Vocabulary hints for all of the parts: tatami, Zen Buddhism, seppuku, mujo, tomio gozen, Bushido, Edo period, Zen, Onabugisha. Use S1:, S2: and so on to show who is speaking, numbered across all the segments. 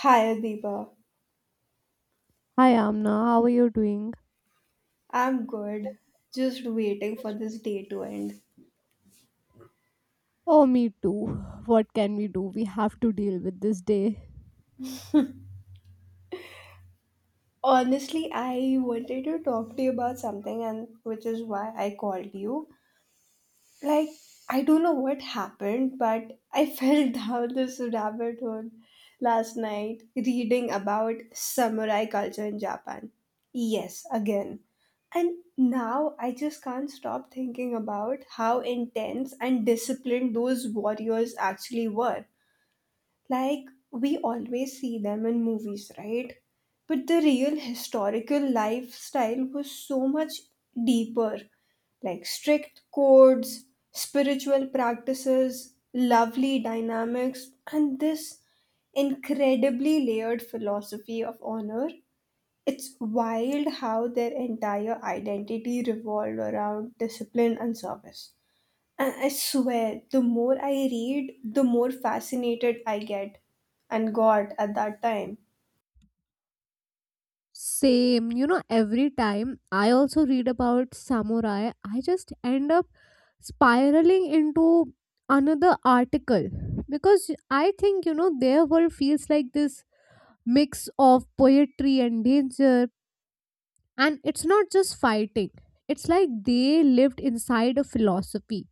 S1: Hi, Adiba.
S2: Hi Amna, how are you doing?
S1: I'm good. Just waiting for this day to end.
S2: Oh, me too. What can we do? We have to deal with this day.
S1: Honestly, I wanted to talk to you about something, and which is why I called you. Like, I don't know what happened, but I fell down this rabbit hole last night reading about samurai culture in Japan. Yes, again. And now I just can't stop thinking about how intense and disciplined those warriors actually were. Like, we always see them in movies, right? But the real historical lifestyle was so much deeper, like strict codes, spiritual practices, lovely dynamics, and this incredibly layered philosophy of honor. It's wild how their entire identity revolved around discipline and service. And I swear, the more I read, the more fascinated I get and got at that time.
S2: Same. Every time I also read about samurai, I just end up spiraling into another article because I think, their world feels like this mix of poetry and danger. And it's not just fighting, it's like they lived inside a philosophy.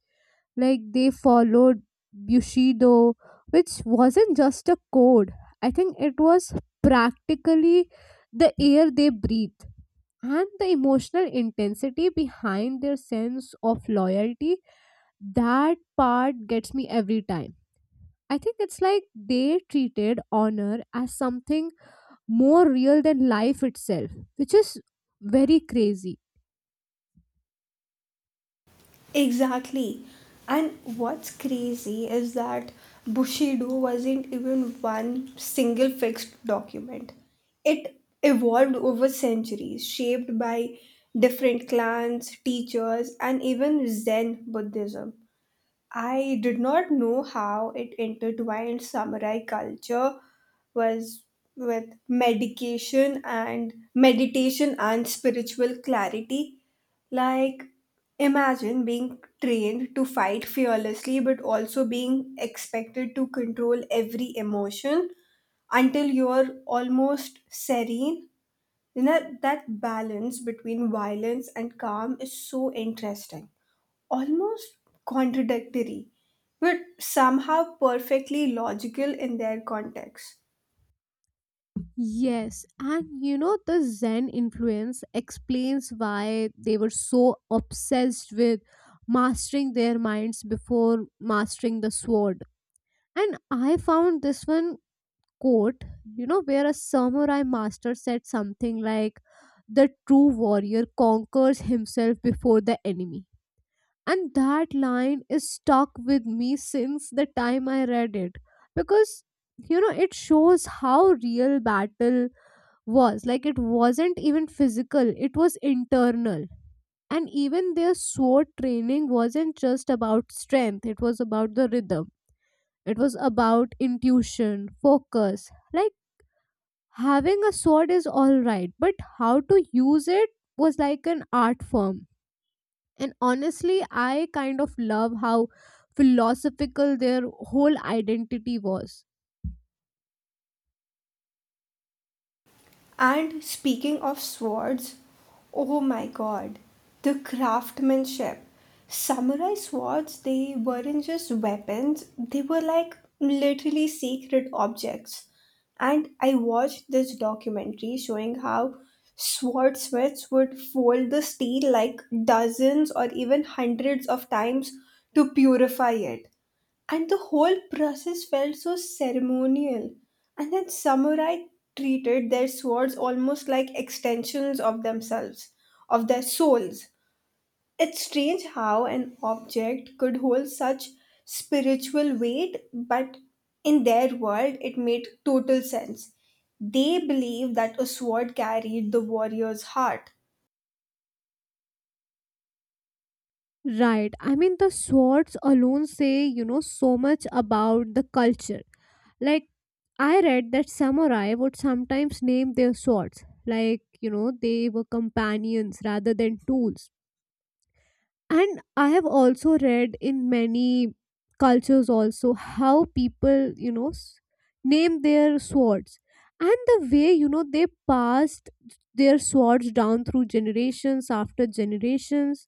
S2: Like they followed Bushido, which wasn't just a code. I think it was practically the air they breathe. And the emotional intensity behind their sense of loyalty, that part gets me every time. I think it's like they treated honor as something more real than life itself, which is very crazy.
S1: Exactly. And what's crazy is that Bushido wasn't even one single fixed document. It evolved over centuries, shaped by different clans, teachers, and even Zen Buddhism. I did not know how it intertwined samurai culture was with medication and meditation and spiritual clarity. Like, imagine being trained to fight fearlessly but also being expected to control every emotion until you're almost serene. You know, that balance between violence and calm is so interesting, almost contradictory, but somehow perfectly logical in their context.
S2: Yes, and the Zen influence explains why they were so obsessed with mastering their minds before mastering the sword. And I found this one quote, where a samurai master said something like, "The true warrior conquers himself before the enemy." And that line is stuck with me since the time I read it because, it shows how real battle was. Like, it wasn't even physical, it was internal. And even their sword training wasn't just about strength, it was about the rhythm, it was about intuition, focus. Like, having a sword is all right, but how to use it was like an art form. And honestly, I kind of love how philosophical their whole identity was.
S1: And speaking of swords, oh my god, the craftsmanship. Samurai swords, they weren't just weapons, they were like literally sacred objects. And I watched this documentary showing how swordsmiths would fold the steel like dozens or even hundreds of times to purify it. And the whole process felt so ceremonial. And then samurai treated their swords almost like extensions of themselves, of their souls. It's strange how an object could hold such spiritual weight, but in their world, it made total sense. They believed that a sword carried the warrior's heart.
S2: Right. I mean, the swords alone say, so much about the culture. Like, I read that samurai would sometimes name their swords, like, they were companions rather than tools. And I have also read in many cultures also how people, name their swords. And the way, they passed their swords down through generations after generations.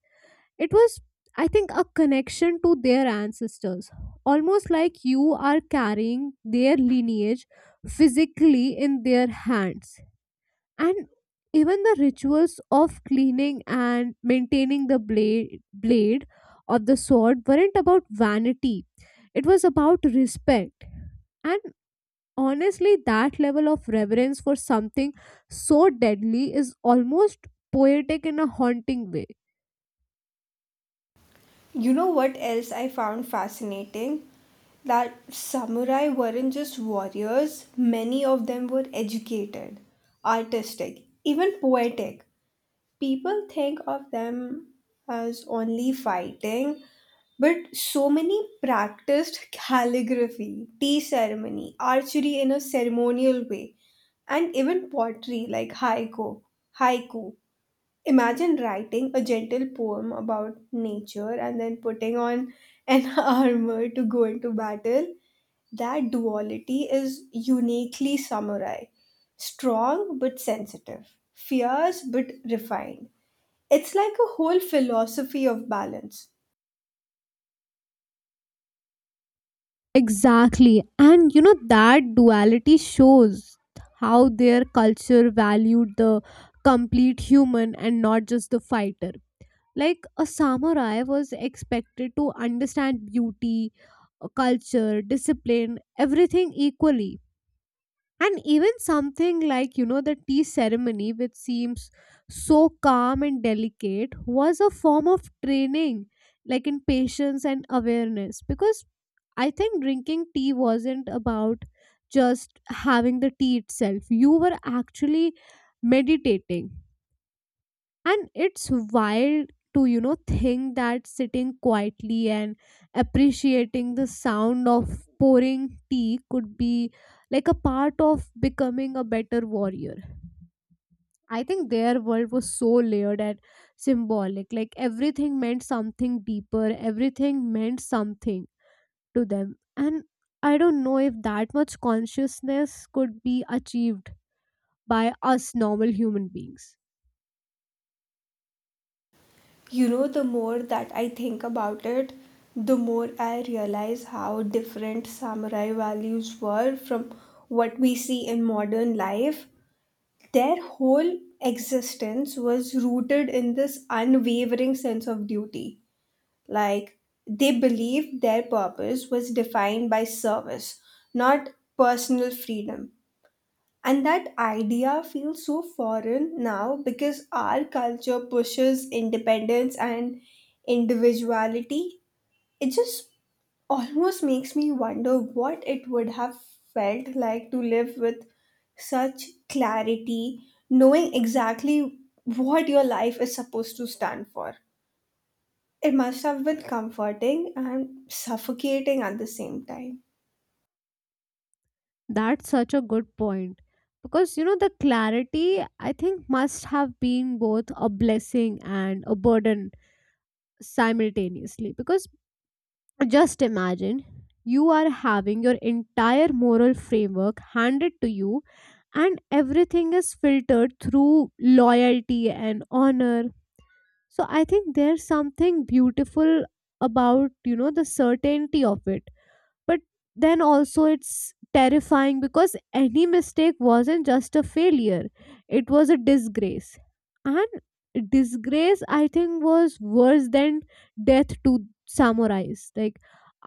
S2: It was, I think, a connection to their ancestors, almost like you are carrying their lineage physically in their hands. And even the rituals of cleaning and maintaining the blade of the sword weren't about vanity, it was about respect. And honestly, that level of reverence for something so deadly is almost poetic in a haunting way.
S1: You know what else I found fascinating? That samurai weren't just warriors, many of them were educated, artistic, even poetic. People think of them as only fighting, but so many practiced calligraphy, tea ceremony, archery in a ceremonial way, and even pottery like haiku, haiku imagine writing a gentle poem about nature and then putting on an armor to go into battle. That duality is uniquely samurai. Strong but sensitive, fierce but refined. It's like a whole philosophy of balance.
S2: Exactly. And that duality shows how their culture valued the complete human and not just the fighter. Like, a samurai was expected to understand beauty, culture, discipline, everything equally. And even something like, the tea ceremony, which seems so calm and delicate, was a form of training, like in patience and awareness. Because I think drinking tea wasn't about just having the tea itself. You were actually meditating. And it's wild to, think that sitting quietly and appreciating the sound of pouring tea could be like a part of becoming a better warrior. I think their world was so layered and symbolic. Like, everything meant something deeper, everything meant something to them. And I don't know if that much consciousness could be achieved by us normal human beings.
S1: You know, the more that I think about it, the more I realize how different samurai values were from what we see in modern life. Their whole existence was rooted in this unwavering sense of duty. Like, they believed their purpose was defined by service, not personal freedom. And that idea feels so foreign now because our culture pushes independence and individuality. It just almost makes me wonder what it would have felt like to live with such clarity, knowing exactly what your life is supposed to stand for. It must have been comforting and suffocating at the same time.
S2: That's such a good point. Because, the clarity, I think, must have been both a blessing and a burden simultaneously. Because just imagine you are having your entire moral framework handed to you, and everything is filtered through loyalty and honor. So I think there's something beautiful about the certainty of it. But then also, it's terrifying because any mistake wasn't just a failure, it was a disgrace. And disgrace, I think, was worse than death to samurais. Like,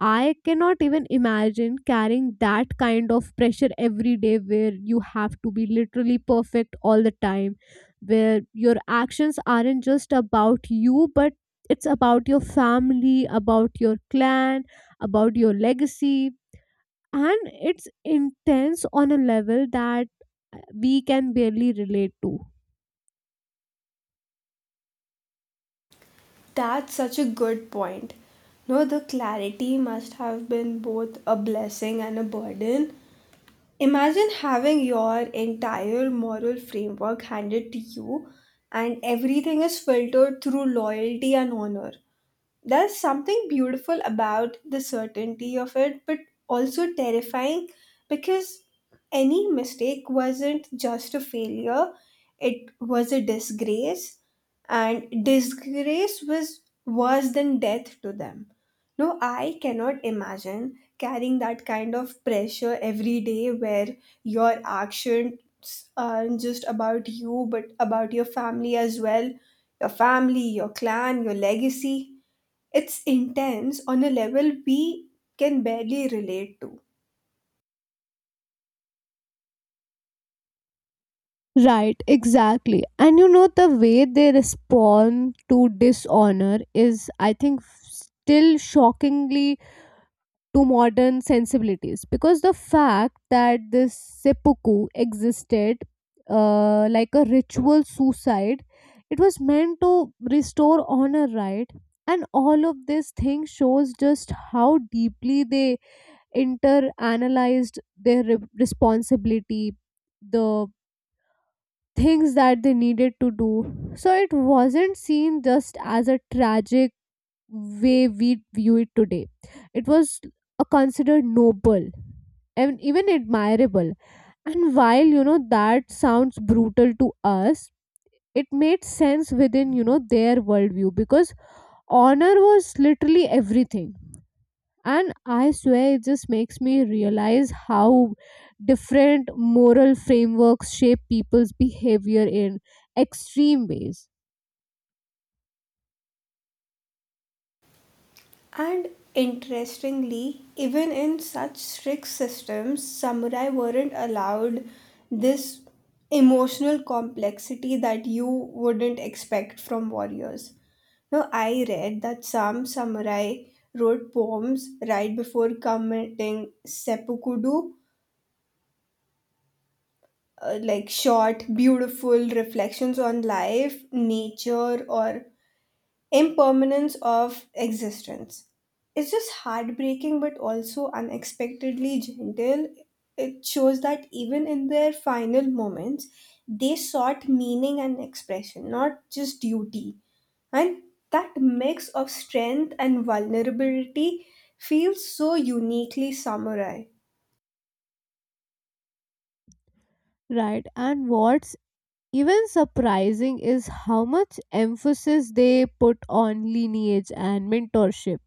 S2: I cannot even imagine carrying that kind of pressure every day where you have to be literally perfect all the time, where your actions aren't just about you, but it's about your family, about your clan, about your legacy. And it's intense on a level that we can barely relate to.
S1: That's such a good point. No, the clarity must have been both a blessing and a burden. Imagine having your entire moral framework handed to you, and everything is filtered through loyalty and honor. There's something beautiful about the certainty of it, but also terrifying because any mistake wasn't just a failure, it was a disgrace, and disgrace was worse than death to them. No, I cannot imagine carrying that kind of pressure every day where your actions aren't just about you but about your family as well, your family, your clan, your legacy. It's intense on a level we can barely relate to.
S2: Right, exactly. And the way they respond to dishonor is, I think, still shockingly to modern sensibilities, because the fact that this seppuku existed, like a ritual suicide, it was meant to restore honor, right? And all of this thing shows just how deeply they inter-analyzed their responsibility, the things that they needed to do. So it wasn't seen just as a tragic way we view it today. It was, considered noble and even admirable. And while that sounds brutal to us, it made sense within their worldview, because honor was literally everything. And I swear it just makes me realize how different moral frameworks shape people's behavior in extreme ways.
S1: And interestingly, even in such strict systems, samurai weren't allowed this emotional complexity that you wouldn't expect from warriors. Now, I read that some samurai wrote poems right before committing seppuku, like short, beautiful reflections on life, nature, or impermanence of existence. It's just heartbreaking but also unexpectedly gentle. It shows that even in their final moments, they sought meaning and expression, not just duty. And that mix of strength and vulnerability feels so uniquely samurai.
S2: Right, and what's even surprising is how much emphasis they put on lineage and mentorship.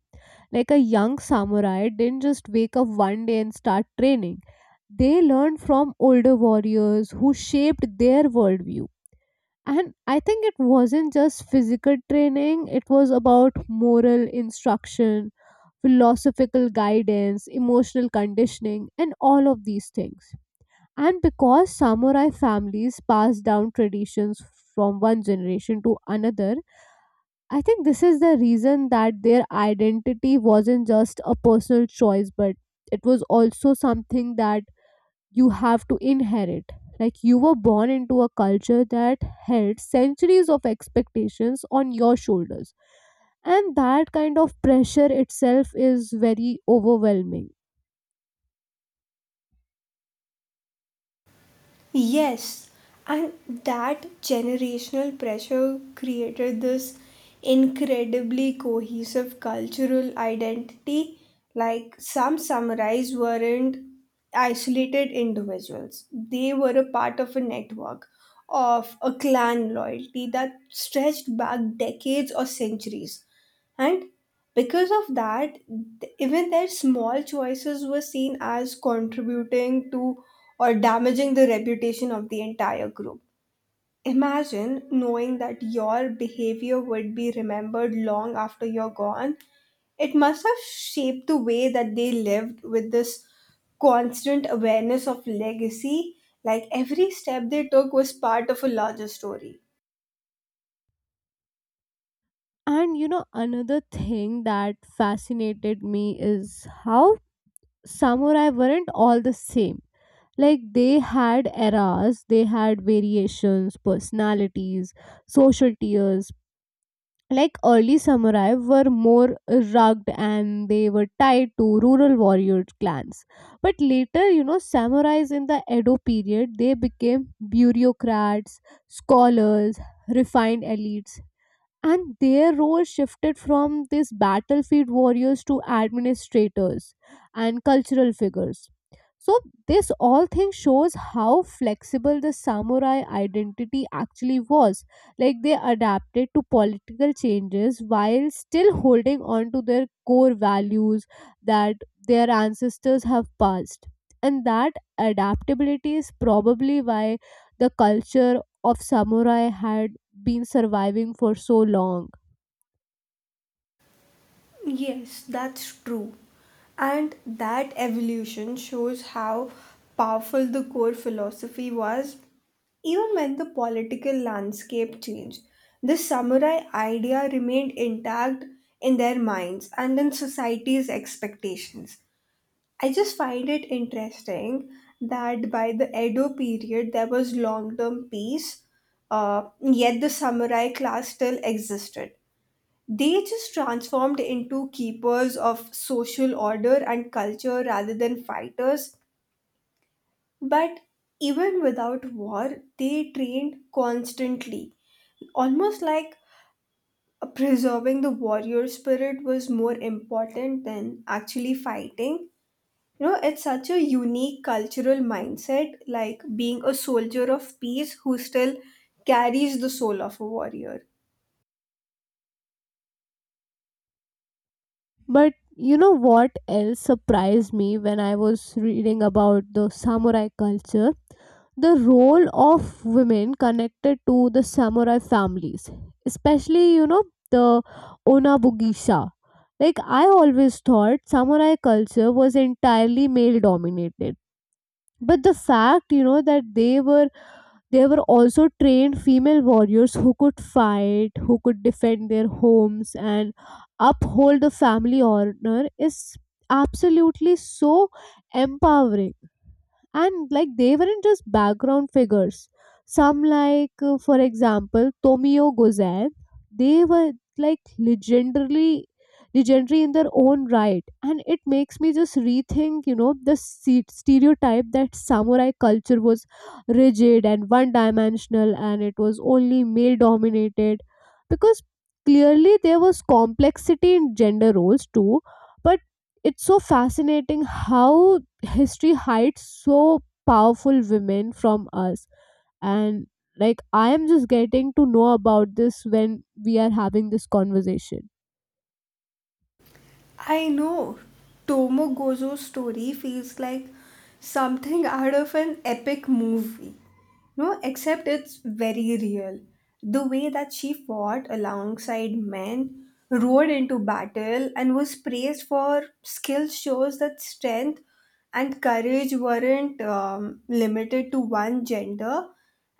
S2: Like, a young samurai didn't just wake up one day and start training, they learned from older warriors who shaped their worldview. And I think it wasn't just physical training, it was about moral instruction, philosophical guidance, emotional conditioning, and all of these things. And because samurai families pass down traditions from one generation to another, I think this is the reason that their identity wasn't just a personal choice, but it was also something that you have to inherit. Like, you were born into a culture that held centuries of expectations on your shoulders. And that kind of pressure itself is very overwhelming.
S1: Yes, and that generational pressure created this incredibly cohesive cultural identity. Like, some samurais weren't isolated individuals, they were a part of a network of a clan loyalty that stretched back decades or centuries. And because of that, even their small choices were seen as contributing to or damaging the reputation of the entire group. Imagine knowing that your behavior would be remembered long after you're gone. It must have shaped the way that they lived with this constant awareness of legacy. Like, every step they took was part of a larger story.
S2: And Another thing that fascinated me is how samurai weren't all the same. Like, they had eras, they had variations, personalities, social tiers. Like, early samurai were more rugged and they were tied to rural warrior clans, but later, samurais in the Edo period, they became bureaucrats, scholars, refined elites. And their role shifted from these battlefield warriors to administrators and cultural figures. So this all thing shows how flexible the samurai identity actually was. Like, they adapted to political changes while still holding on to their core values that their ancestors have passed. And that adaptability is probably why the culture of samurai had been surviving for so long.
S1: Yes, that's true. And that evolution shows how powerful the core philosophy was, even when the political landscape changed. The samurai idea remained intact in their minds and in society's expectations. I just find it interesting that by the Edo period there was long term peace, yet the samurai class still existed. They just transformed into keepers of social order and culture rather than fighters. But even without war, they trained constantly, almost like preserving the warrior spirit was more important than actually fighting. You know, it's such a unique cultural mindset, like being a soldier of peace who still carries the soul of a warrior.
S2: But you know what else surprised me when I was reading about the samurai culture? The role of women connected to the samurai families, especially, the Onabugisha. Like, I always thought samurai culture was entirely male dominated. But the fact, you know, that they were there were also trained female warriors who could fight, who could defend their homes, and uphold the family honor is absolutely so empowering. And like, they weren't just background figures. Some, like, for example, Tomio Gozen, they were, like, legendary in their own right. And it makes me just rethink, stereotype that samurai culture was rigid and one dimensional, and it was only male dominated. Because clearly, there was complexity in gender roles too. But it's so fascinating how history hides so powerful women from us. And like, I am just getting to know about this when we are having this conversation.
S1: I know. Tomogozo's story feels like something out of an epic movie. No, except it's very real. The way that she fought alongside men, rode into battle, and was praised for skill shows that strength and courage weren't limited to one gender,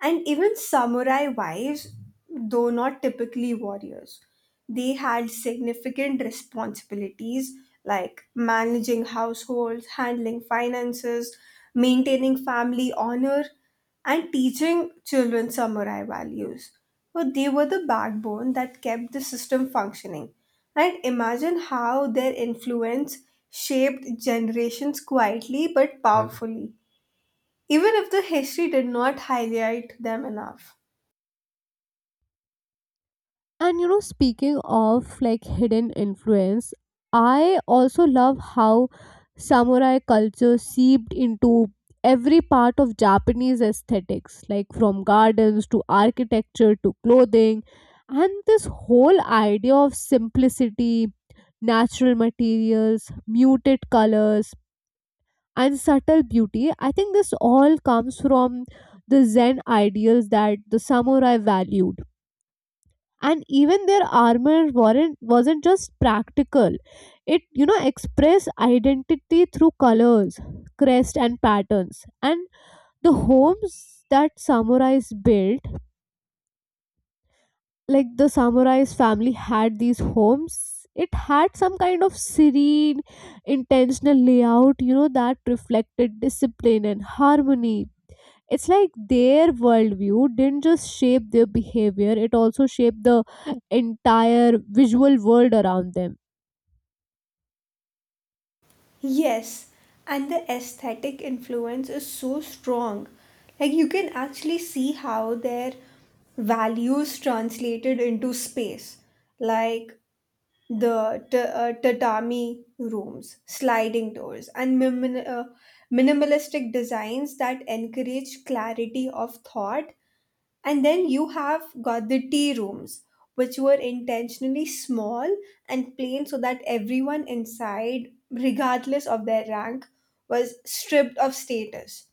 S1: and even samurai wives, though not typically warriors, they had significant responsibilities like managing households, handling finances, maintaining family honor, and teaching children samurai values. But they were the backbone that kept the system functioning. And imagine how their influence shaped generations quietly but powerfully, even if the history did not highlight them enough.
S2: And Speaking of like hidden influence, I also love how samurai culture seeped into every part of Japanese aesthetics, like from gardens to architecture to clothing. And this whole idea of simplicity, natural materials, muted colors, and subtle beauty, I think this all comes from the Zen ideals that the samurai valued. And even their armor weren't wasn't just practical. It, expressed identity through colors, crest and patterns. And the homes that samurais built, like the samurais family had these homes, it had some kind of serene intentional layout, that reflected discipline and harmony. It's like their worldview didn't just shape their behavior, it also shaped the entire visual world around them.
S1: Yes, and the aesthetic influence is so strong. Like, you can actually see how their values translated into space, like the tatami rooms, sliding doors, and minimalistic designs that encourage clarity of thought, and then you have got the tea rooms, which were intentionally small and plain so that everyone inside, regardless of their rank, was stripped of status.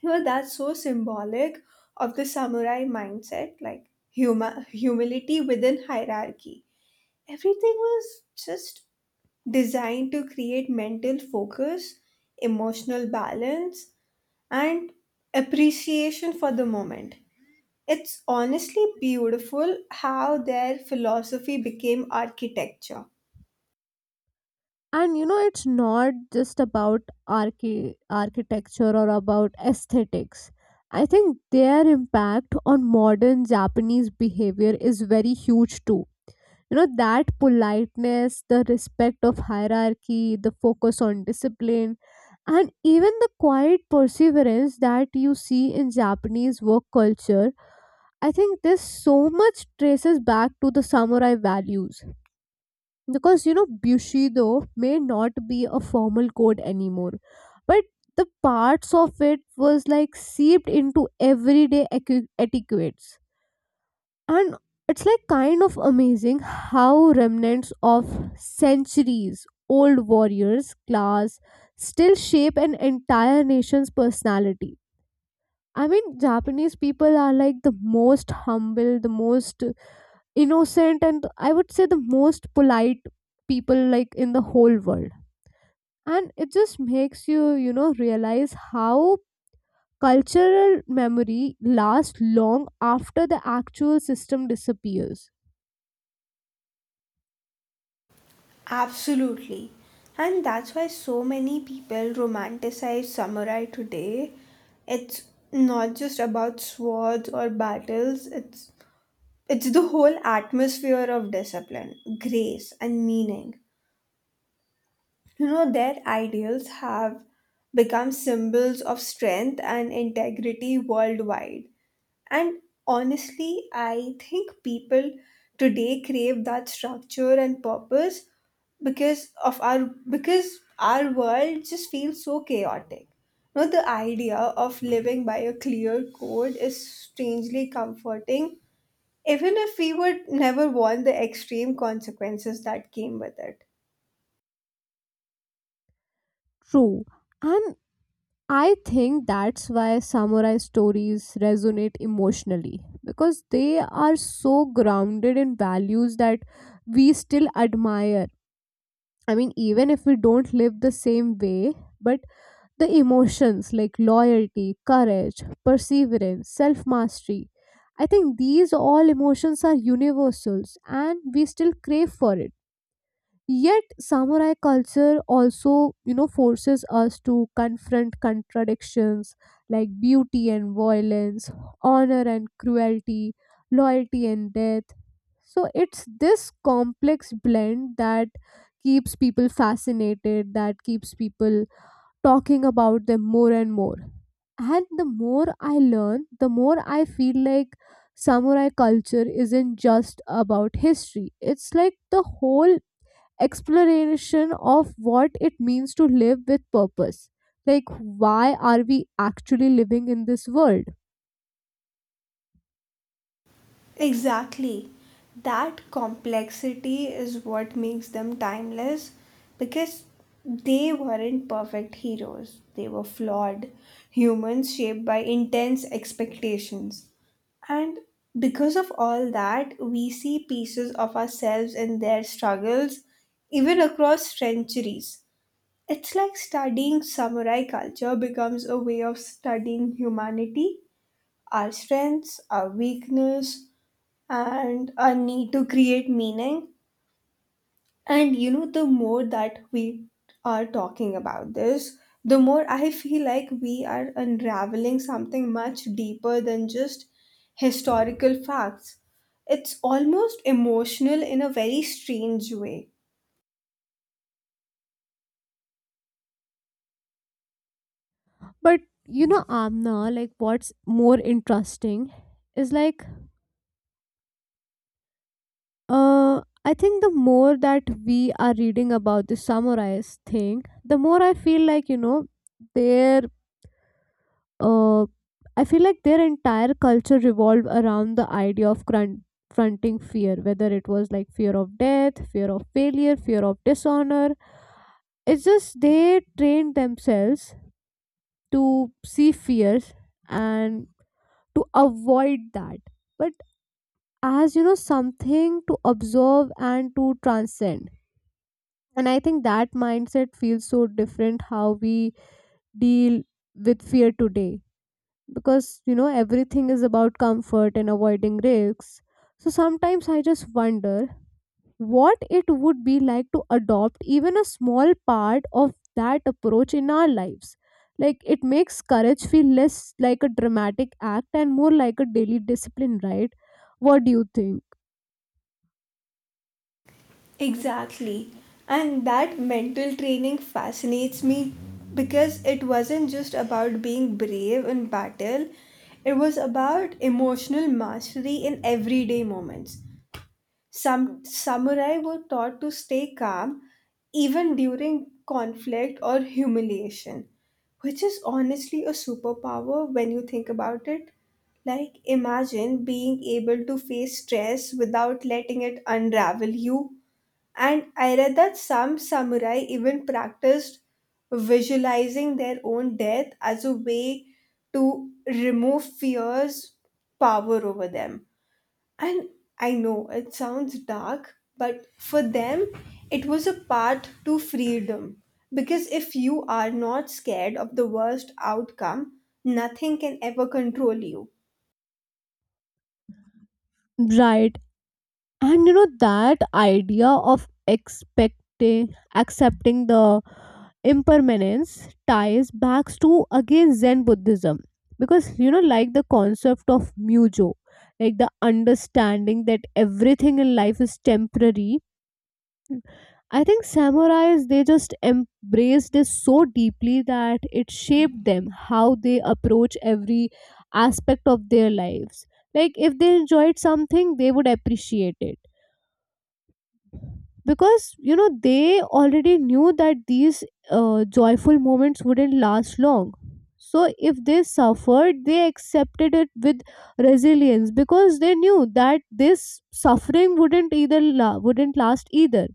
S1: You know, that's so symbolic of the samurai mindset, like humility within hierarchy. Everything was just designed to create mental focus, emotional balance, and appreciation for the moment. It's honestly beautiful how their philosophy became architecture.
S2: And it's not just about architecture or about aesthetics. I think their impact on modern Japanese behavior is very huge too. That politeness, the respect of hierarchy, the focus on discipline, and even the quiet perseverance that you see in Japanese work culture, I think this so much traces back to the samurai values. Because Bushido may not be a formal code anymore, but the parts of it was like seeped into everyday etiquettes, and it's like kind of amazing how remnants of centuries old warriors class still shape an entire nation's personality. I mean, Japanese people are like the most humble, the most innocent, and I would say the most polite people like in the whole world. And it just makes you, realize how cultural memory lasts long after the actual system disappears.
S1: Absolutely. And that's why so many people romanticize samurai today. It's not just about swords or battles, it's the whole atmosphere of discipline, grace and meaning. You know, their ideals have become symbols of strength and integrity worldwide. And honestly, I think people today crave that structure and purpose because of our because our world just feels so chaotic. Now the idea of living by a clear code is strangely comforting, even if we would never want the extreme consequences that came with it.
S2: True. And I think that's why samurai stories resonate emotionally, because they are so grounded in values that we still admire. I mean, even if we don't live the same way, but the emotions like loyalty, courage, perseverance, self mastery, I think these all emotions are universals and we still crave for it. Yet, samurai culture also, forces us to confront contradictions like beauty and violence, honor and cruelty, loyalty and death. So, it's this complex blend that keeps people fascinated, that keeps people talking about them more and more. And the more I learn, the more I feel like samurai culture isn't just about history. It's like the whole exploration of what it means to live with purpose. Like, why are we actually living in this world?
S1: Exactly. That complexity is what makes them timeless because they weren't perfect heroes. They were flawed humans shaped by intense expectations. And because of all that, we see pieces of ourselves in their struggles, even across centuries. It's like studying samurai culture becomes a way of studying humanity, our strengths, our weakness, and a need to create meaning. And you know, the more that we are talking about this, the more I feel like we are unraveling something much deeper than just historical facts. It's almost emotional in a very strange way.
S2: But Amna, like what's more interesting is like I think the more that we are reading about the samurais thing, the more I feel like, their uh, I feel like their entire culture revolved around the idea of confronting fear, whether it was like fear of death, fear of failure, fear of dishonor. It's just they trained themselves to see fears and to avoid that, but as you know, something to observe and to transcend. And I think that mindset feels so different how we deal with fear today, because everything is about comfort and avoiding risks. So sometimes I just wonder what it would be like to adopt even a small part of that approach in our lives. Like, it makes courage feel less like a dramatic act and more like a daily discipline, right? What do you think?
S1: Exactly. And that mental training fascinates me because it wasn't just about being brave in battle, it was about emotional mastery in everyday moments. Some samurai were taught to stay calm even during conflict or humiliation, which is honestly a superpower when you think about it. Like, imagine being able to face stress without letting it unravel you, and I read that some samurai even practiced visualizing their own death as a way to remove fear's power over them. And I know it sounds dark, but for them, it was a path to freedom. Because if you are not scared of the worst outcome, nothing can ever control you.
S2: Right. And that idea of expecting, accepting the impermanence ties back to again Zen Buddhism, because like the concept of mujo, like the understanding that everything in life is temporary. I think samurais they just embraced this so deeply that it shaped them how they approach every aspect of their lives. Like, if they enjoyed something, they would appreciate it because they already knew that these joyful moments wouldn't last long. So if they suffered, they accepted it with resilience because they knew that this suffering wouldn't last either.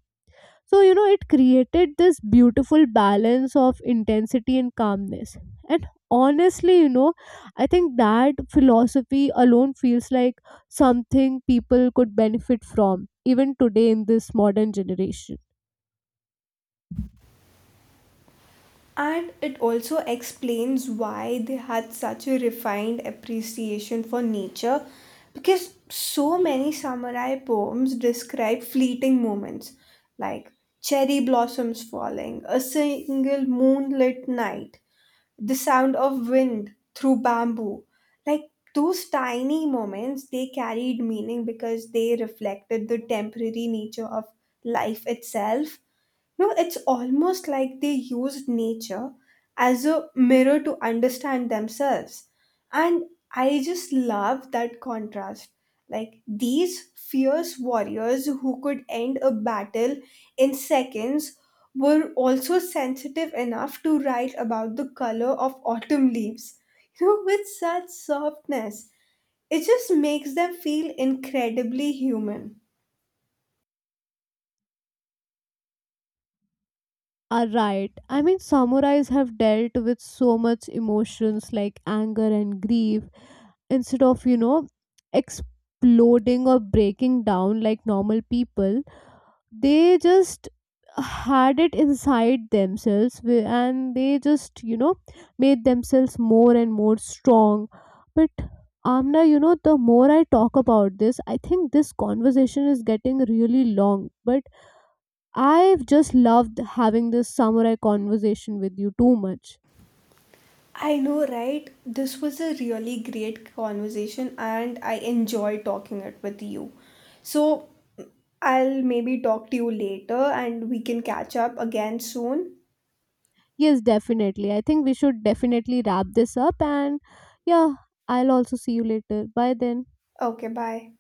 S2: So, it created this beautiful balance of intensity and calmness. And honestly, I think that philosophy alone feels like something people could benefit from, even today in this modern generation.
S1: And it also explains why they had such a refined appreciation for nature because so many samurai poems describe fleeting moments like cherry blossoms falling, a single moonlit night, the sound of wind through bamboo. Like, those tiny moments, they carried meaning because they reflected the temporary nature of life itself. No, it's almost like they used nature as a mirror to understand themselves. And I just love that contrast. Like, these fierce warriors who could end a battle in seconds were also sensitive enough to write about the color of autumn leaves, you know, with such softness. It just makes them feel incredibly human.
S2: Are right. I mean, samurais have dealt with so much emotions like anger and grief. Instead of, exploding or breaking down like normal people, they just had it inside themselves and they just made themselves more and more strong. But Amna, the more I talk about this, I think this conversation is getting really long, but I've just loved having this samurai conversation with you too much.
S1: I know, right? This was a really great conversation and I enjoy talking it with you. So I'll maybe talk to you later and we can catch up again soon.
S2: Yes, definitely. I think we should definitely wrap this up. And yeah, I'll also see you later. Bye then.
S1: Okay, bye.